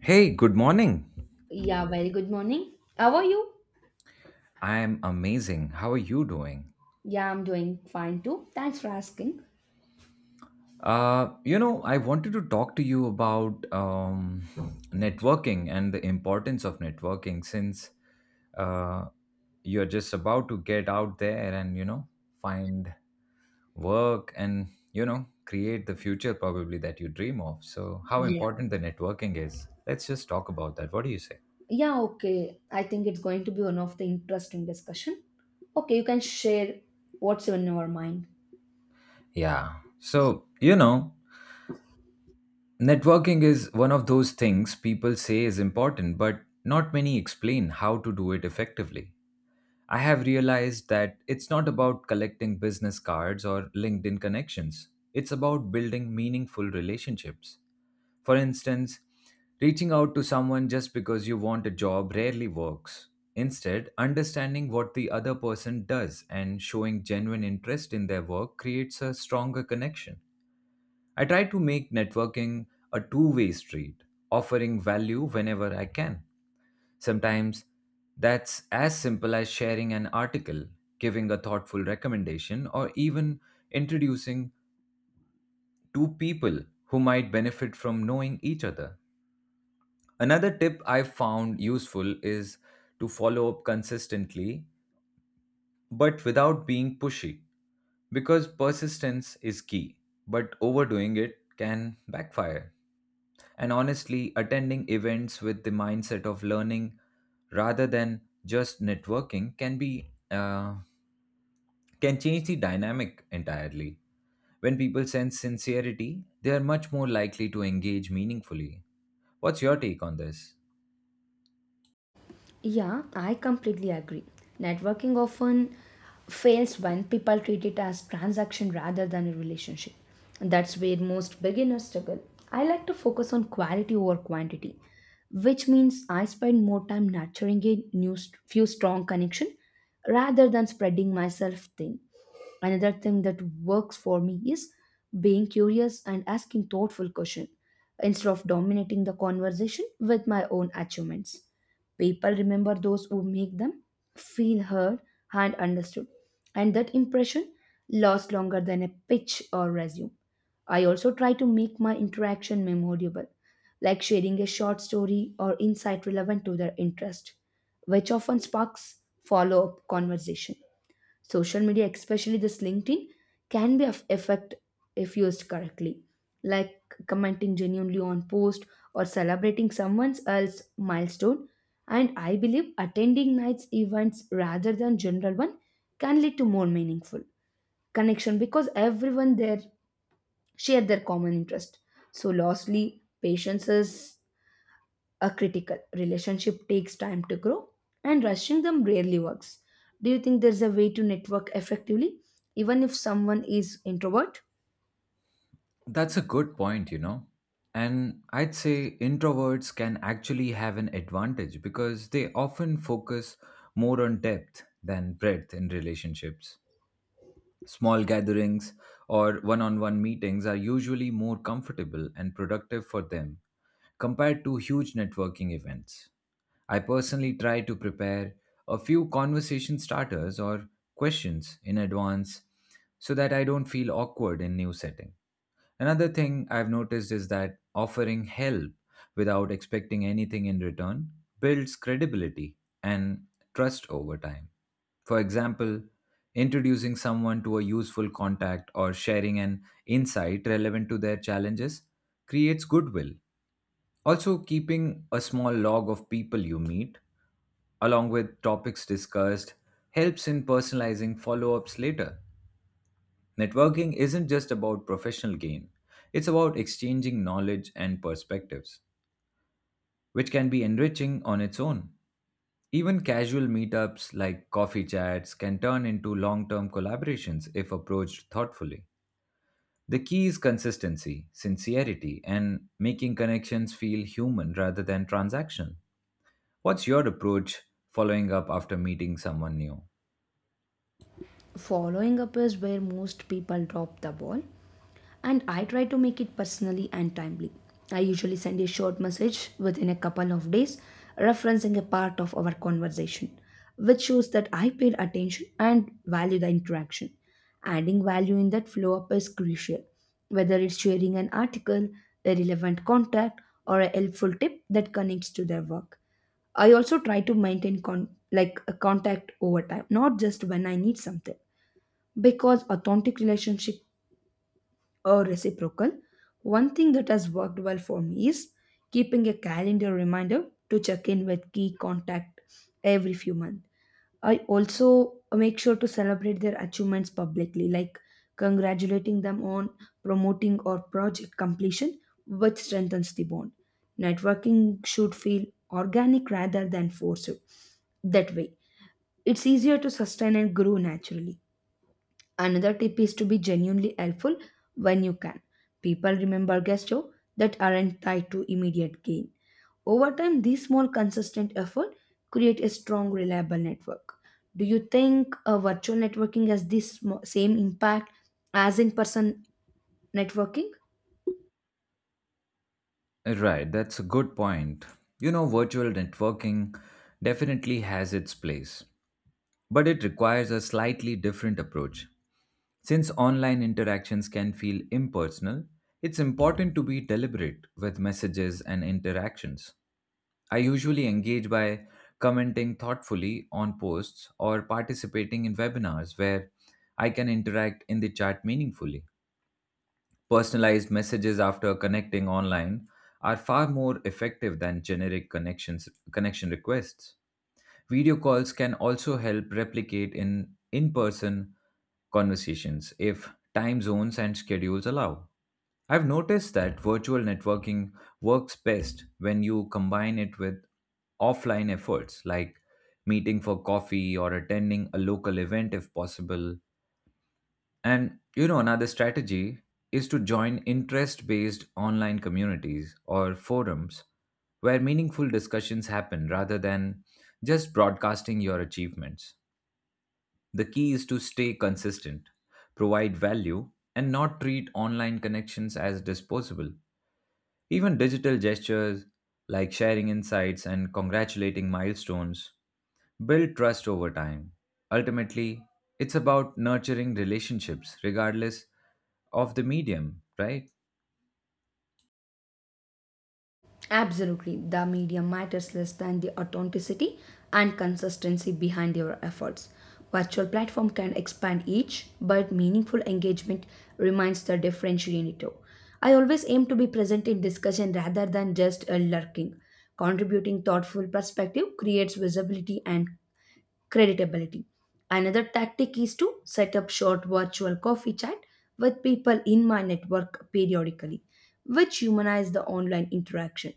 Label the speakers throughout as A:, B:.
A: Hey, good morning.
B: Yeah, very good morning. How are you?
A: I am amazing. How are you doing?
B: Yeah, I'm doing fine too. Thanks for asking.
A: I wanted to talk to you about networking and the importance of networking since uh, you're just about to get out there and, find work and, create the future probably that you dream of. So, how
B: Yeah.
A: important the networking is. Let's just talk about that. What do you say?
B: Yeah, okay. I think it's going to be one of the interesting discussion. Okay, you can share what's in your mind.
A: Yeah. So, Networking is one of those things people say is important, but not many explain how to do it effectively. I have realized that it's not about collecting business cards or LinkedIn connections. It's about building meaningful relationships. For instance, reaching out to someone just because you want a job rarely works. Instead, understanding what the other person does and showing genuine interest in their work creates a stronger connection. I try to make networking a two-way street, offering value whenever I can. Sometimes that's as simple as sharing an article, giving a thoughtful recommendation, or even introducing two people who might benefit from knowing each other. Another tip I've found useful is to follow up consistently but without being pushy because persistence is key, but overdoing it can backfire. And honestly, attending events with the mindset of learning rather than just networking can change the dynamic entirely. When people sense sincerity, they are much more likely to engage meaningfully. What's your take on this?
B: Yeah, I completely agree. Networking often fails when people treat it as transaction rather than a relationship. And that's where most beginners struggle. I like to focus on quality over quantity, which means I spend more time nurturing a few strong connection rather than spreading myself thin. Another thing that works for me is being curious and asking thoughtful questions instead of dominating the conversation with my own achievements. People remember those who make them feel heard and understood, and that impression lasts longer than a pitch or resume. I also try to make my interaction memorable, like sharing a short story or insight relevant to their interest, which often sparks follow up conversation. Social media, especially this LinkedIn, can be of effect if used correctly, like commenting genuinely on post or celebrating someone else's milestone. And I believe attending nights events rather than general one can lead to more meaningful connection because everyone there share their common interest. So lastly, patience a critical relationship takes time to grow, and rushing them rarely works. Do you think there's a way to network effectively even if someone is introvert?
A: That's a good point, you know. And I'd say introverts can actually have an advantage because they often focus more on depth than breadth in relationships. Small gatherings or one on one meetings are usually more comfortable and productive for them compared to huge networking events. I personally try to prepare a few conversation starters or questions in advance so that I don't feel awkward in new setting. Another thing I've noticed is that offering help without expecting anything in return builds credibility and trust over time. For example, introducing someone to a useful contact or sharing an insight relevant to their challenges creates goodwill. Also, keeping a small log of people you meet, along with topics discussed, helps in personalizing follow ups later. Networking isn't just about professional gain, it's about exchanging knowledge and perspectives, which can be enriching on its own. Even casual meetups like coffee chats can turn into long term collaborations if approached thoughtfully. The key is consistency, sincerity, and making connections feel human rather than transactional. What's your approach following up after meeting someone new?
B: Following up is where most people drop the ball, and I try to make it personally and timely. I usually send a short message within a couple of days, referencing a part of our conversation, which shows that I paid attention and value the interaction. Adding value in that follow up is crucial, whether it's sharing an article, a relevant contact, or a helpful tip that connects to their work. I also try to maintain a contact over time, not just when I need something, because authentic relationship are reciprocal. One thing that has worked well for me is keeping a calendar reminder to check in with key contact every few months. I also make sure to celebrate their achievements publicly, like congratulating them on promoting or project completion, which strengthens the bond. Networking should feel organic rather than forced. That way, it's easier to sustain and grow naturally. Another tip is to be genuinely helpful when you can. People remember gestures that aren't tied to immediate gain. Over time, these small consistent efforts create a strong, reliable network. Do you think a virtual networking has this same impact as in person networking?
A: Right, that's a good point. You know, virtual networking definitely has its place. But it requires a slightly different approach. Since online interactions can feel impersonal, it's important to be deliberate with messages and interactions. I usually engage by commenting thoughtfully on posts or participating in webinars where I can interact in the chat meaningfully. Personalized messages after connecting online are far more effective than generic connection requests. Video calls can also help replicate in person conversations if time zones and schedules allow. I've noticed that virtual networking works best when you combine it with offline efforts like meeting for coffee or attending a local event if possible. And you know, another strategy is to join interest based online communities or forums where meaningful discussions happen rather than just broadcasting your achievements. The key is to stay consistent, provide value, and not treat online connections as disposable. Even digital gestures like sharing insights and congratulating milestones build trust over time. Ultimately, it's about nurturing relationships regardless of the medium, right?
B: Absolutely, the medium matters less than the authenticity and consistency behind your efforts. Virtual platform can expand each, but meaningful engagement remains the differentiator. I always aim to be present in discussion rather than just a lurking. Contributing thoughtful perspective creates visibility and creditability. Another tactic is to set up short virtual coffee chat with people in my network periodically, which humanize the online interaction.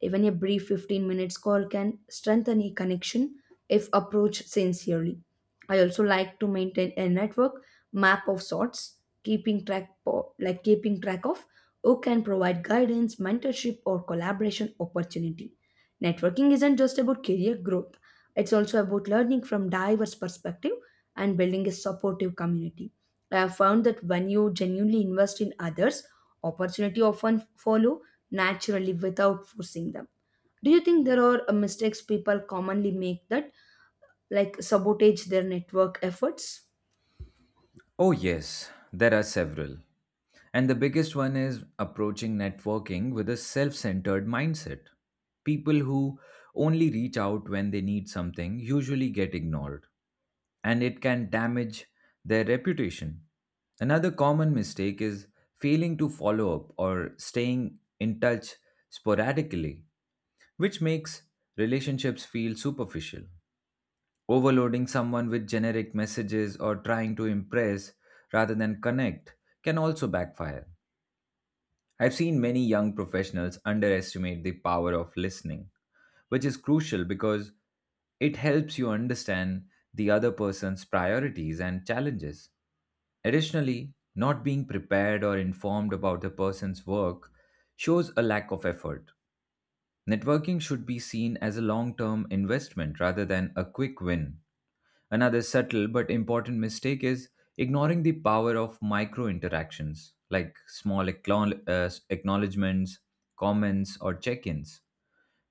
B: Even a brief 15 minutes call can strengthen a connection if approached sincerely. I also like to maintain a network map of sorts, like keeping track of who can provide guidance, mentorship or collaboration opportunity. Networking isn't just about career growth, it's also about learning from diverse perspective and building a supportive community. I have found that when you genuinely invest in others, opportunity often follow naturally without forcing them. Do you think there are mistakes people commonly make that like sabotage their network efforts?
A: Oh, yes, there are several. And the biggest one is approaching networking with a self centered mindset. People who only reach out when they need something usually get ignored, and it can damage their reputation. Another common mistake is failing to follow up or staying in touch sporadically, which makes relationships feel superficial. Overloading someone with generic messages or trying to impress rather than connect can also backfire. I've seen many young professionals underestimate the power of listening, which is crucial because it helps you understand the other person's priorities and challenges. Additionally, not being prepared or informed about the person's work shows a lack of effort. Networking should be seen as a long term investment rather than a quick win. Another subtle but important mistake is ignoring the power of micro interactions like small acknowledgements, comments, or check ins,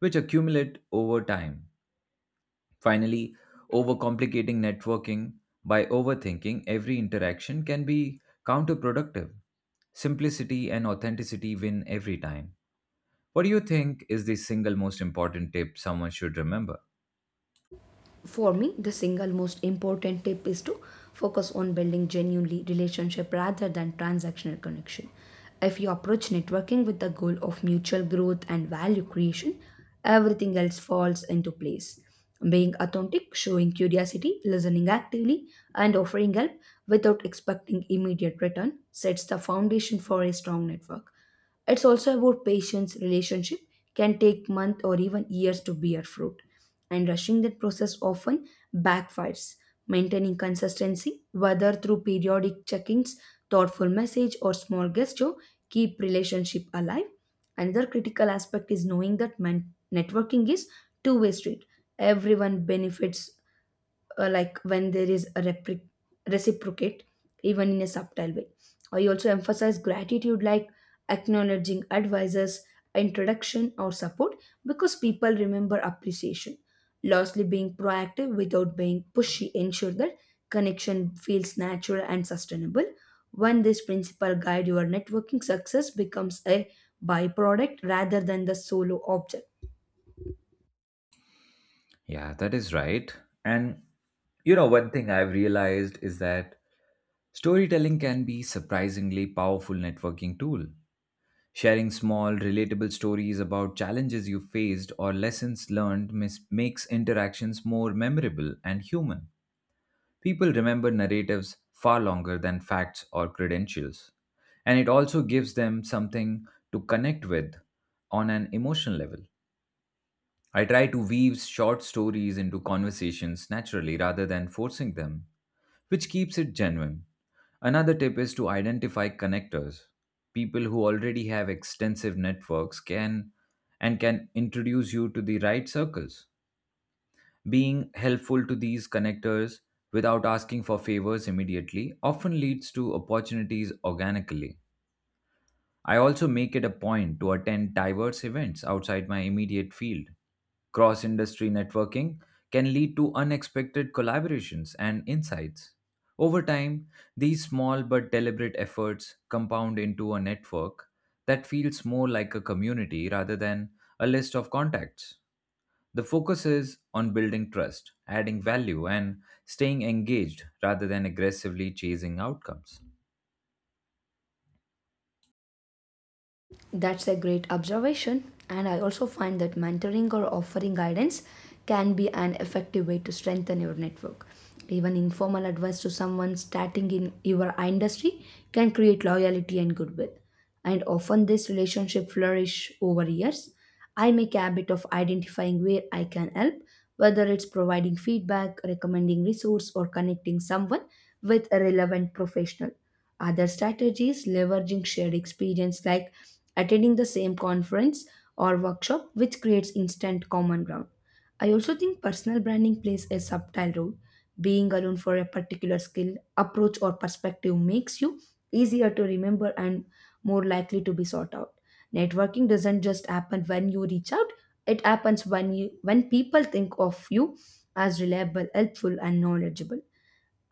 A: which accumulate over time. Finally, overcomplicating networking by overthinking every interaction can be counterproductive. Simplicity and authenticity win every time. What do you think is the single most important tip someone should remember?
B: For me, the single most important tip is to focus on building genuinely relationship rather than transactional connection. If you approach networking with the goal of mutual growth and value creation, everything else falls into place. Being authentic, showing curiosity, listening actively, and offering help without expecting immediate return sets the foundation for a strong network. It's also about patience. Relationship can take months or even years to bear fruit, and rushing that process often backfires. Maintaining consistency, whether through periodic check-ins, thoughtful message, or small gesture, keep relationship alive. Another critical aspect is knowing that networking is two-way street. Everyone benefits like when there is a reciprocate, even in a subtle way. I also emphasize gratitude, like acknowledging advisors introduction or support, because people remember appreciation. Lastly, being proactive without being pushy ensure that connection feels natural and sustainable. When this principle guide your networking, success becomes a byproduct rather than the solo object.
A: Yeah, that is right. And you know, one thing I've realized is that storytelling can be surprisingly powerful networking tool. Sharing small, relatable stories about challenges you faced or lessons learned makes interactions more memorable and human. People remember narratives far longer than facts or credentials. And it also gives them something to connect with on an emotional level. I try to weave short stories into conversations naturally rather than forcing them, which keeps it genuine. Another tip is to identify connectors. People who already have extensive networks can introduce you to the right circles. Being helpful to these connectors without asking for favors immediately often leads to opportunities organically. I also make it a point to attend diverse events outside my immediate field. Cross industry networking can lead to unexpected collaborations and insights. Over time, these small but deliberate efforts compound into a network that feels more like a community rather than a list of contacts. The focus is on building trust, adding value, and staying engaged rather than aggressively chasing outcomes.
B: That's a great observation, and I also find that mentoring or offering guidance can be an effective way to strengthen your network. Even informal advice to someone starting in your industry can create loyalty and goodwill. And often this relationship flourish over years. I make a habit of identifying where I can help, whether it's providing feedback, recommending resource, or connecting someone with a relevant professional. Other strategies leveraging shared experience, like attending the same conference or workshop, which creates instant common ground. I also think personal branding plays a subtle role. Being alone for a particular skill, approach, or perspective makes you easier to remember and more likely to be sought out. Networking doesn't just happen when you reach out, it happens when people think of you as reliable, helpful, and knowledgeable.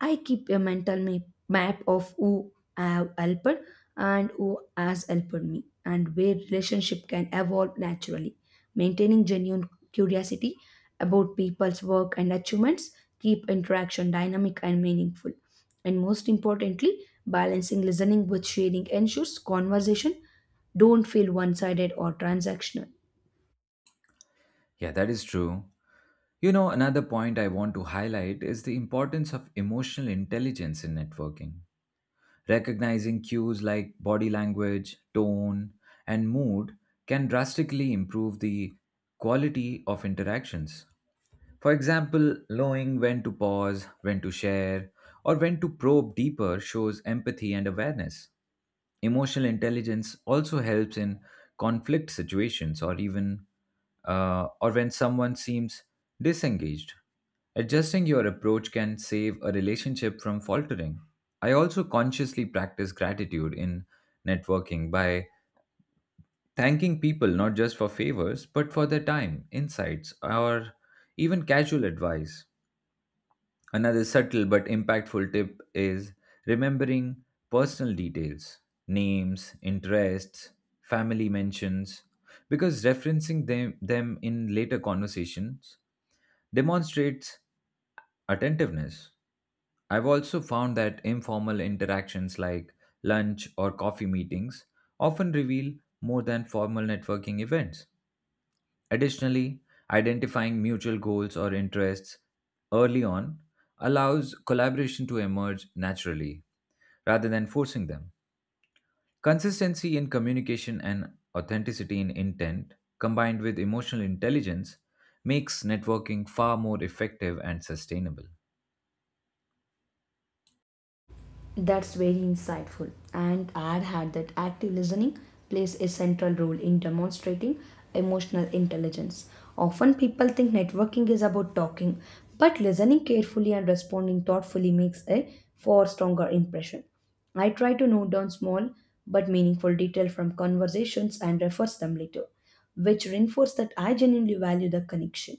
B: I keep a mental map of who I have helped and who has helped me, and where relationship can evolve naturally. Maintaining genuine curiosity about people's work and achievements keep interaction dynamic and meaningful. And most importantly, balancing listening with sharing ensures conversation don't feel one-sided or transactional.
A: Yeah, that is true. You know, another point I want to highlight is the importance of emotional intelligence in networking. Recognizing cues like body language, tone, and mood can drastically improve the quality of interactions. For example, knowing when to pause, when to share, or when to probe deeper shows empathy and awareness. Emotional intelligence also helps in conflict situations or even or when someone seems disengaged. Adjusting your approach can save a relationship from faltering. I also consciously practice gratitude in networking by thanking people not just for favors but for their time, insights, or even casual advice. Another subtle but impactful tip is remembering personal details, names, interests, family mentions, because referencing them in later conversations demonstrates attentiveness. I've also found that informal interactions like lunch or coffee meetings often reveal more than formal networking events. Additionally, identifying mutual goals or interests early on allows collaboration to emerge naturally rather than forcing them. Consistency in communication and authenticity in intent, combined with emotional intelligence, makes networking far more effective and sustainable.
B: That's very insightful, and I'd had that active listening plays a central role in demonstrating emotional intelligence. Often people think networking is about talking, but listening carefully and responding thoughtfully makes a far stronger impression. I try to note down small but meaningful detail from conversations and reference them later, which reinforce that I genuinely value the connection.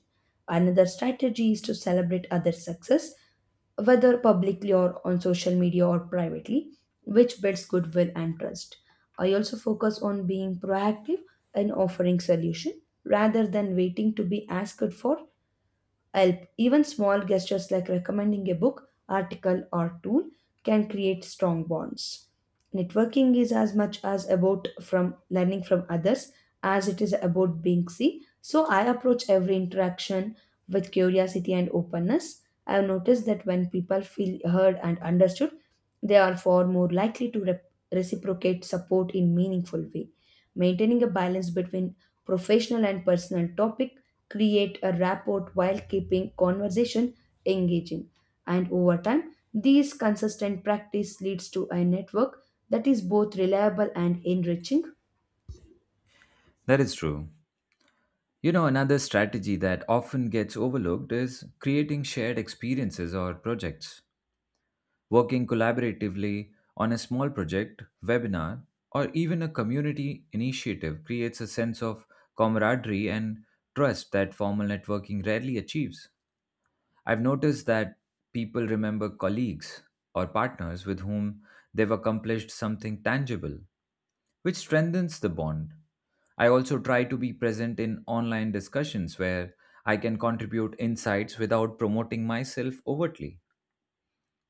B: Another strategy is to celebrate other success, whether publicly or on social media or privately, which builds goodwill and trust. I also focus on being proactive and offering solution rather than waiting to be asked for help. Even small gestures like recommending a book, article, or tool can create strong bonds. Networking is as much as about from learning from others as it is about being seen. So I approach every interaction with curiosity and openness. I have noticed that when people feel heard and understood, they are far more likely to reciprocate support in meaningful way. Maintaining a balance between professional and personal topic, create a rapport while keeping conversation engaging. And over time, these consistent practice leads to a network that is both reliable and enriching.
A: That is true. You know, another strategy that often gets overlooked is creating shared experiences or projects. Working collaboratively on a small project, webinar, or even a community initiative creates a sense of camaraderie and trust that formal networking rarely achieves. I've noticed that people remember colleagues or partners with whom they've accomplished something tangible, which strengthens the bond. I also try to be present in online discussions where I can contribute insights without promoting myself overtly.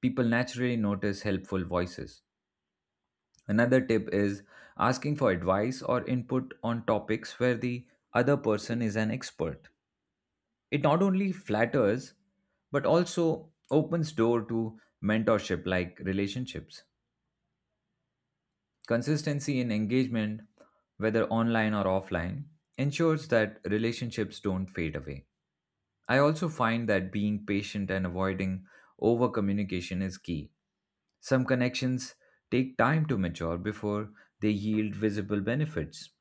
A: People naturally notice helpful voices. Another tip is asking for advice or input on topics where the other person is an expert. It not only flatters but also opens door to mentorship like relationships. Consistency in engagement, whether online or offline, ensures that relationships don't fade away. I also find that being patient and avoiding over communication is key. Some connections take time to mature before they yield visible benefits.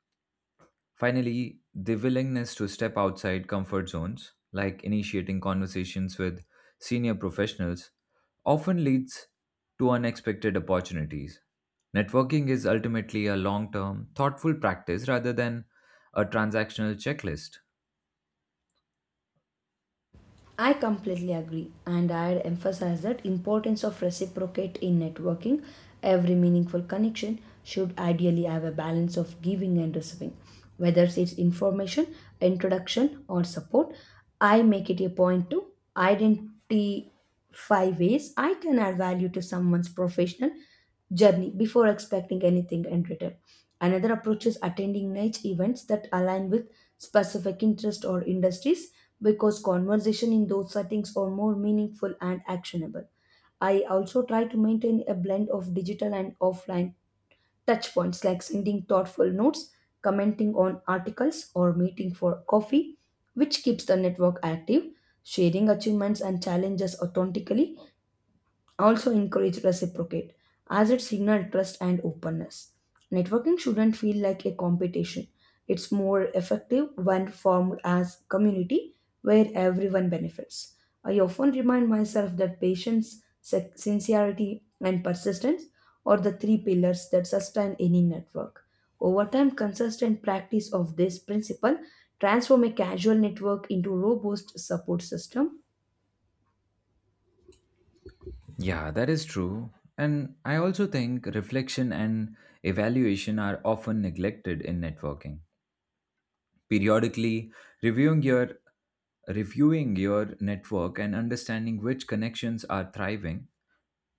A: Finally, the willingness to step outside comfort zones, like initiating conversations with senior professionals, often leads to unexpected opportunities. Networking is ultimately a long term, thoughtful practice rather than a transactional checklist.
B: I completely agree, and I'd emphasize that importance of reciprocate in networking. Every meaningful connection should ideally have a balance of giving and receiving, whether it's information, introduction, or support. I make it a point to identify ways I can add value to someone's professional journey before expecting anything in return. Another approach is attending niche events that align with specific interests or industries, because conversation in those settings are more meaningful and actionable. I also try to maintain a blend of digital and offline touchpoints like sending thoughtful notes, commenting on articles, or meeting for coffee, which keeps the network active. Sharing achievements and challenges authentically also encourage reciprocate, as it signal trust and openness. Networking shouldn't feel like a competition. It's more effective when formed as community where everyone benefits. I often remind myself that patience, sincerity, and persistence are the three pillars that sustain any network. Over time, consistent practice of this principle transform a casual network into robust support system.
A: Yeah, that is true. And I also think reflection and evaluation are often neglected in networking. Periodically reviewing your reviewing your network and understanding which connections are thriving,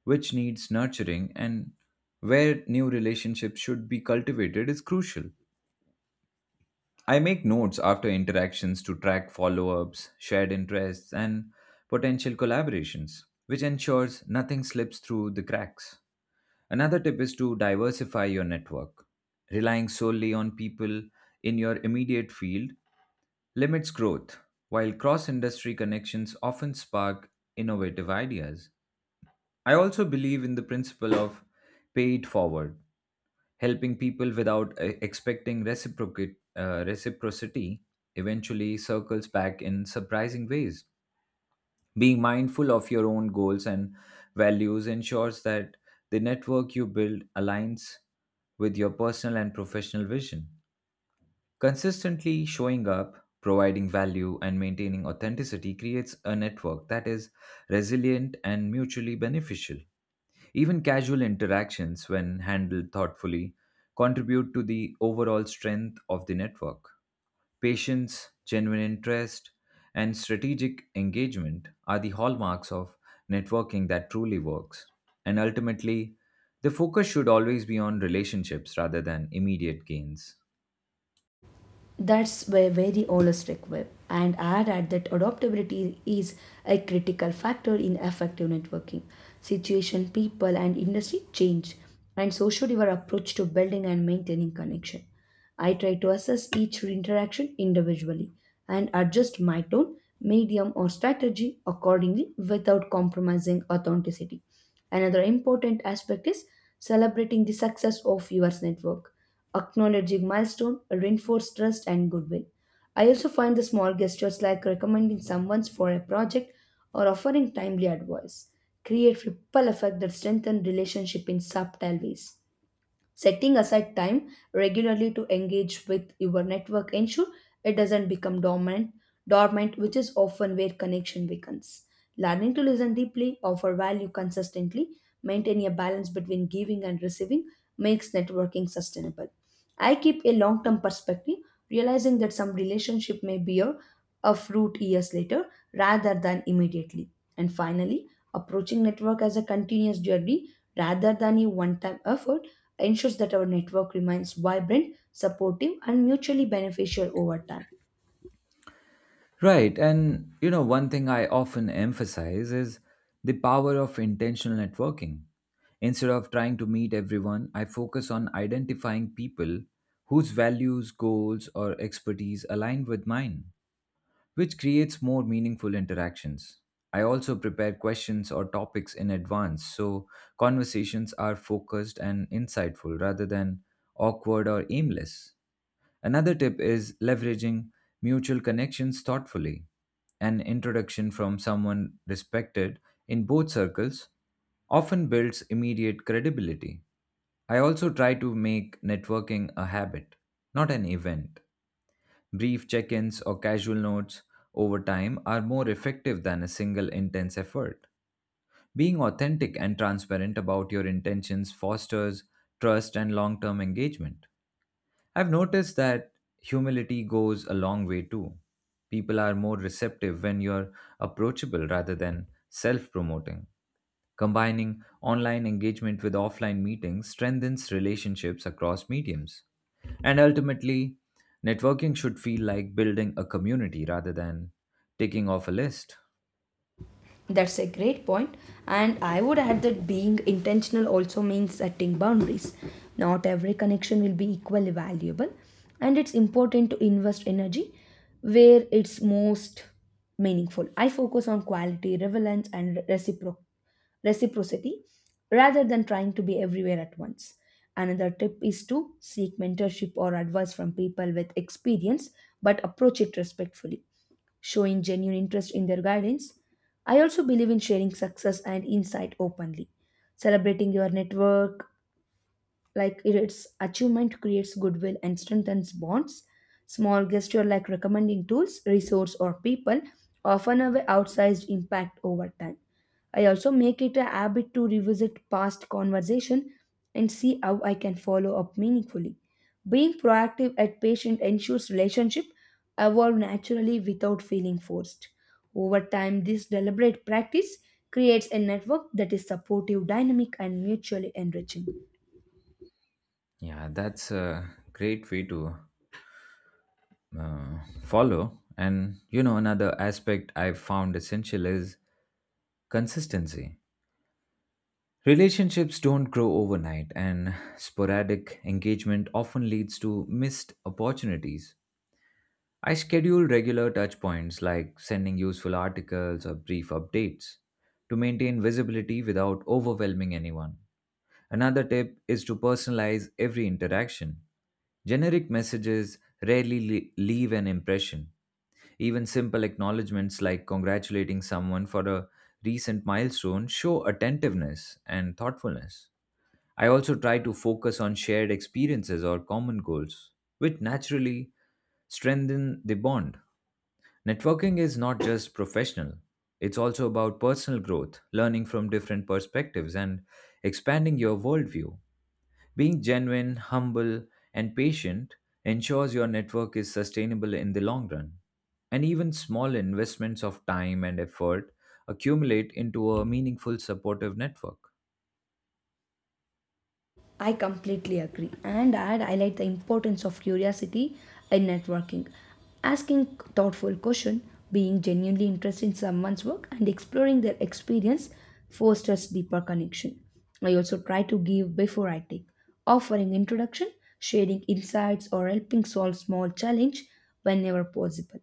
A: which needs nurturing, and where new relationships should be cultivated is crucial. I make notes after interactions to track follow ups, shared interests, and potential collaborations, which ensures nothing slips through the cracks. Another tip is to diversify your network. Relying solely on people in your immediate field limits growth, while cross industry connections often spark innovative ideas. I also believe in the principle of pay it forward, helping people without expecting reciprocity eventually circles back in surprising ways. Being mindful of your own goals and values ensures that the network you build aligns with your personal and professional vision. Consistently showing up, providing value, and maintaining authenticity creates a network that is resilient and mutually beneficial. Even casual interactions, when handled thoughtfully, contribute to the overall strength of the network. Patience, genuine interest, and strategic engagement are the hallmarks of networking that truly works. And ultimately, the focus should always be on relationships rather than immediate gains.
B: That's a very holistic web, and add that adaptability is a critical factor in effective networking. Situation, people, and industry change, and so should your approach to building and maintaining connection. I try to assess each interaction individually and adjust my tone, medium, or strategy accordingly without compromising authenticity. Another important aspect is celebrating the success of your network. Acknowledging milestone reinforce trust and goodwill. I also find the small gestures like recommending someone for a project or offering timely advice create ripple effect that strengthen relationship in subtle ways. Setting aside time regularly to engage with your network ensure it doesn't become dormant, which is often where connection weakens. Learning to listen deeply, offer value consistently, maintaining a balance between giving and receiving makes networking sustainable. I keep a long term perspective, realizing that some relationship may bear a fruit years later rather than immediately. And finally, approaching network as a continuous journey rather than a one time effort ensures that our network remains vibrant, supportive, and mutually beneficial over time.
A: Right. And, you know, one thing I often emphasize is the power of intentional networking. Instead of trying to meet everyone, I focus on identifying people whose values, goals, or expertise align with mine, which creates more meaningful interactions. I also prepare questions or topics in advance so conversations are focused and insightful rather than awkward or aimless. Another tip is leveraging mutual connections thoughtfully. An introduction from someone respected in both circles often builds immediate credibility. I also try to make networking a habit, not an event. Brief check ins or casual notes over time are more effective than a single intense effort. Being authentic and transparent about your intentions fosters trust and long term engagement. I've noticed that humility goes a long way too. People are more receptive when you're approachable rather than self promoting. Combining online engagement with offline meetings strengthens relationships across mediums. And ultimately, networking should feel like building a community rather than ticking off a list.
B: That's a great point. And I would add that being intentional also means setting boundaries. Not every connection will be equally valuable, and it's important to invest energy where it's most meaningful. I focus on quality, relevance, and reciprocity rather than trying to be everywhere at once. Another tip is to seek mentorship or advice from people with experience, but approach it respectfully, showing genuine interest in their guidance. I also believe in sharing success and insight openly. Celebrating your network, like its achievement, creates goodwill and strengthens bonds. Small gesture like recommending tools, resource, or people often have an outsized impact over time. I also make it a habit to revisit past conversation and see how I can follow up meaningfully. Being proactive and patient ensures relationship evolve naturally without feeling forced. Over time, this deliberate practice creates a network that is supportive, dynamic, and mutually enriching.
A: Yeah, that's a great way to follow. And you know, another aspect I've found essential is consistency. Relationships don't grow overnight, and sporadic engagement often leads to missed opportunities. I schedule regular touch points like sending useful articles or brief updates to maintain visibility without overwhelming anyone. Another tip is to personalize every interaction. Generic messages rarely leave an impression. Even simple acknowledgements like congratulating someone for a recent milestone show attentiveness and thoughtfulness. I also try to focus on shared experiences or common goals, which naturally strengthen the bond. Networking is not just professional, it's also about personal growth, learning from different perspectives, and expanding your worldview. Being genuine, humble, and patient ensures your network is sustainable in the long run. And even small investments of time and effort accumulate into a meaningful supportive network.
B: I completely agree, and I'd highlight the importance of curiosity in networking. Asking thoughtful questions, being genuinely interested in someone's work, and exploring their experience fosters deeper connection. I also try to give before I take, offering introduction, sharing insights, or helping solve small challenge whenever possible.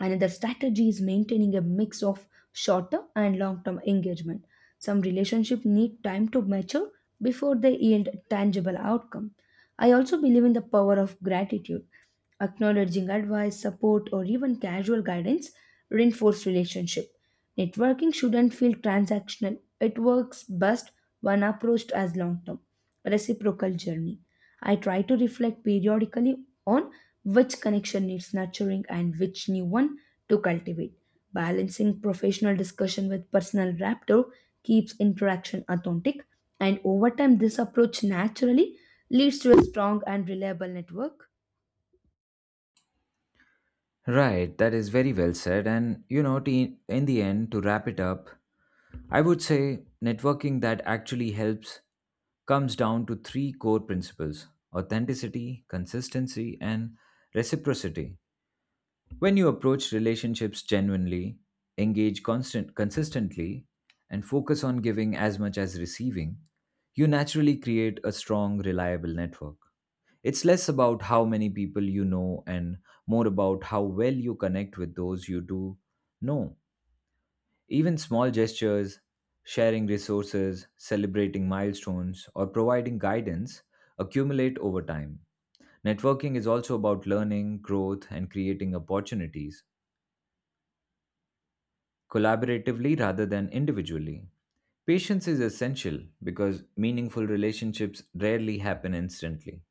B: And the strategy is maintaining a mix of short-term and long-term engagement. Some relationships need time to mature before they yield tangible outcome. I also believe in the power of gratitude. Acknowledging advice, support, or even casual guidance reinforce relationship. Networking shouldn't feel transactional. It works best when approached as long-term reciprocal journey. I try to reflect periodically on which connection needs nurturing and which new one to cultivate. Balancing professional discussion with personal rapport keeps interaction authentic, and over time, this approach naturally leads to a strong and reliable network.
A: Right, that is very well said. And you know, in the end, to wrap it up, I would say networking that actually helps comes down to three core principles authenticity, consistency, and reciprocity. When you approach relationships genuinely, engage constant consistently, and focus on giving as much as receiving, you naturally create a strong, reliable network. It's less about how many people you know and more about how well you connect with those you do know. Even small gestures, sharing resources, celebrating milestones, or providing guidance accumulate over time. Networking is also about learning, growth, and creating opportunities collaboratively rather than individually. Patience is essential because meaningful relationships rarely happen instantly,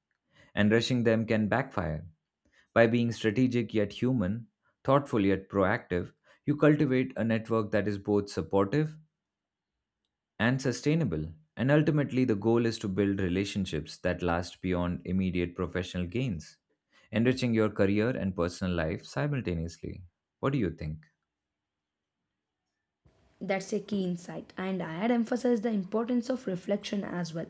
A: and rushing them can backfire. By being strategic yet human, thoughtful yet proactive, you cultivate a network that is both supportive and sustainable. And ultimately, the goal is to build relationships that last beyond immediate professional gains, enriching your career and personal life simultaneously. What do you think?
B: That's a key insight, and I had emphasized the importance of reflection as well.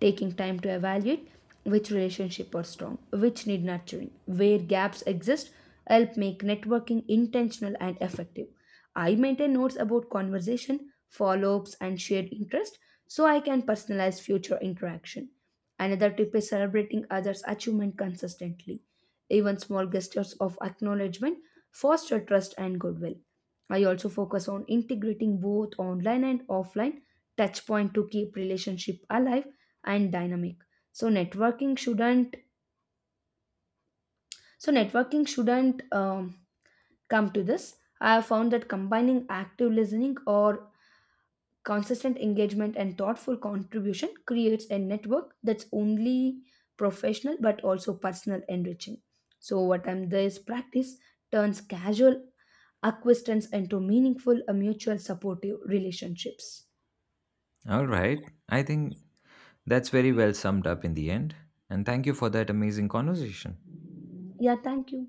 B: Taking time to evaluate which relationship are strong, which need nurturing, where gaps exist, help make networking intentional and effective. I maintain notes about conversation, follow-ups, and shared interest so I can personalize future interaction. Another tip is celebrating others' achievement consistently. Even small gestures of acknowledgement foster trust and goodwill. I also focus on integrating both online and offline touchpoint to keep relationship alive and dynamic. So networking shouldn't so networking shouldn't come to this. I have found that combining active listening or consistent engagement and thoughtful contribution creates a network that's only professional but also personal enriching. So what I'm this practice turns casual acquaintance into meaningful mutual supportive relationships.
A: All right. I think That's very well summed up in the end. And thank you for that amazing conversation.
B: Yeah, thank you.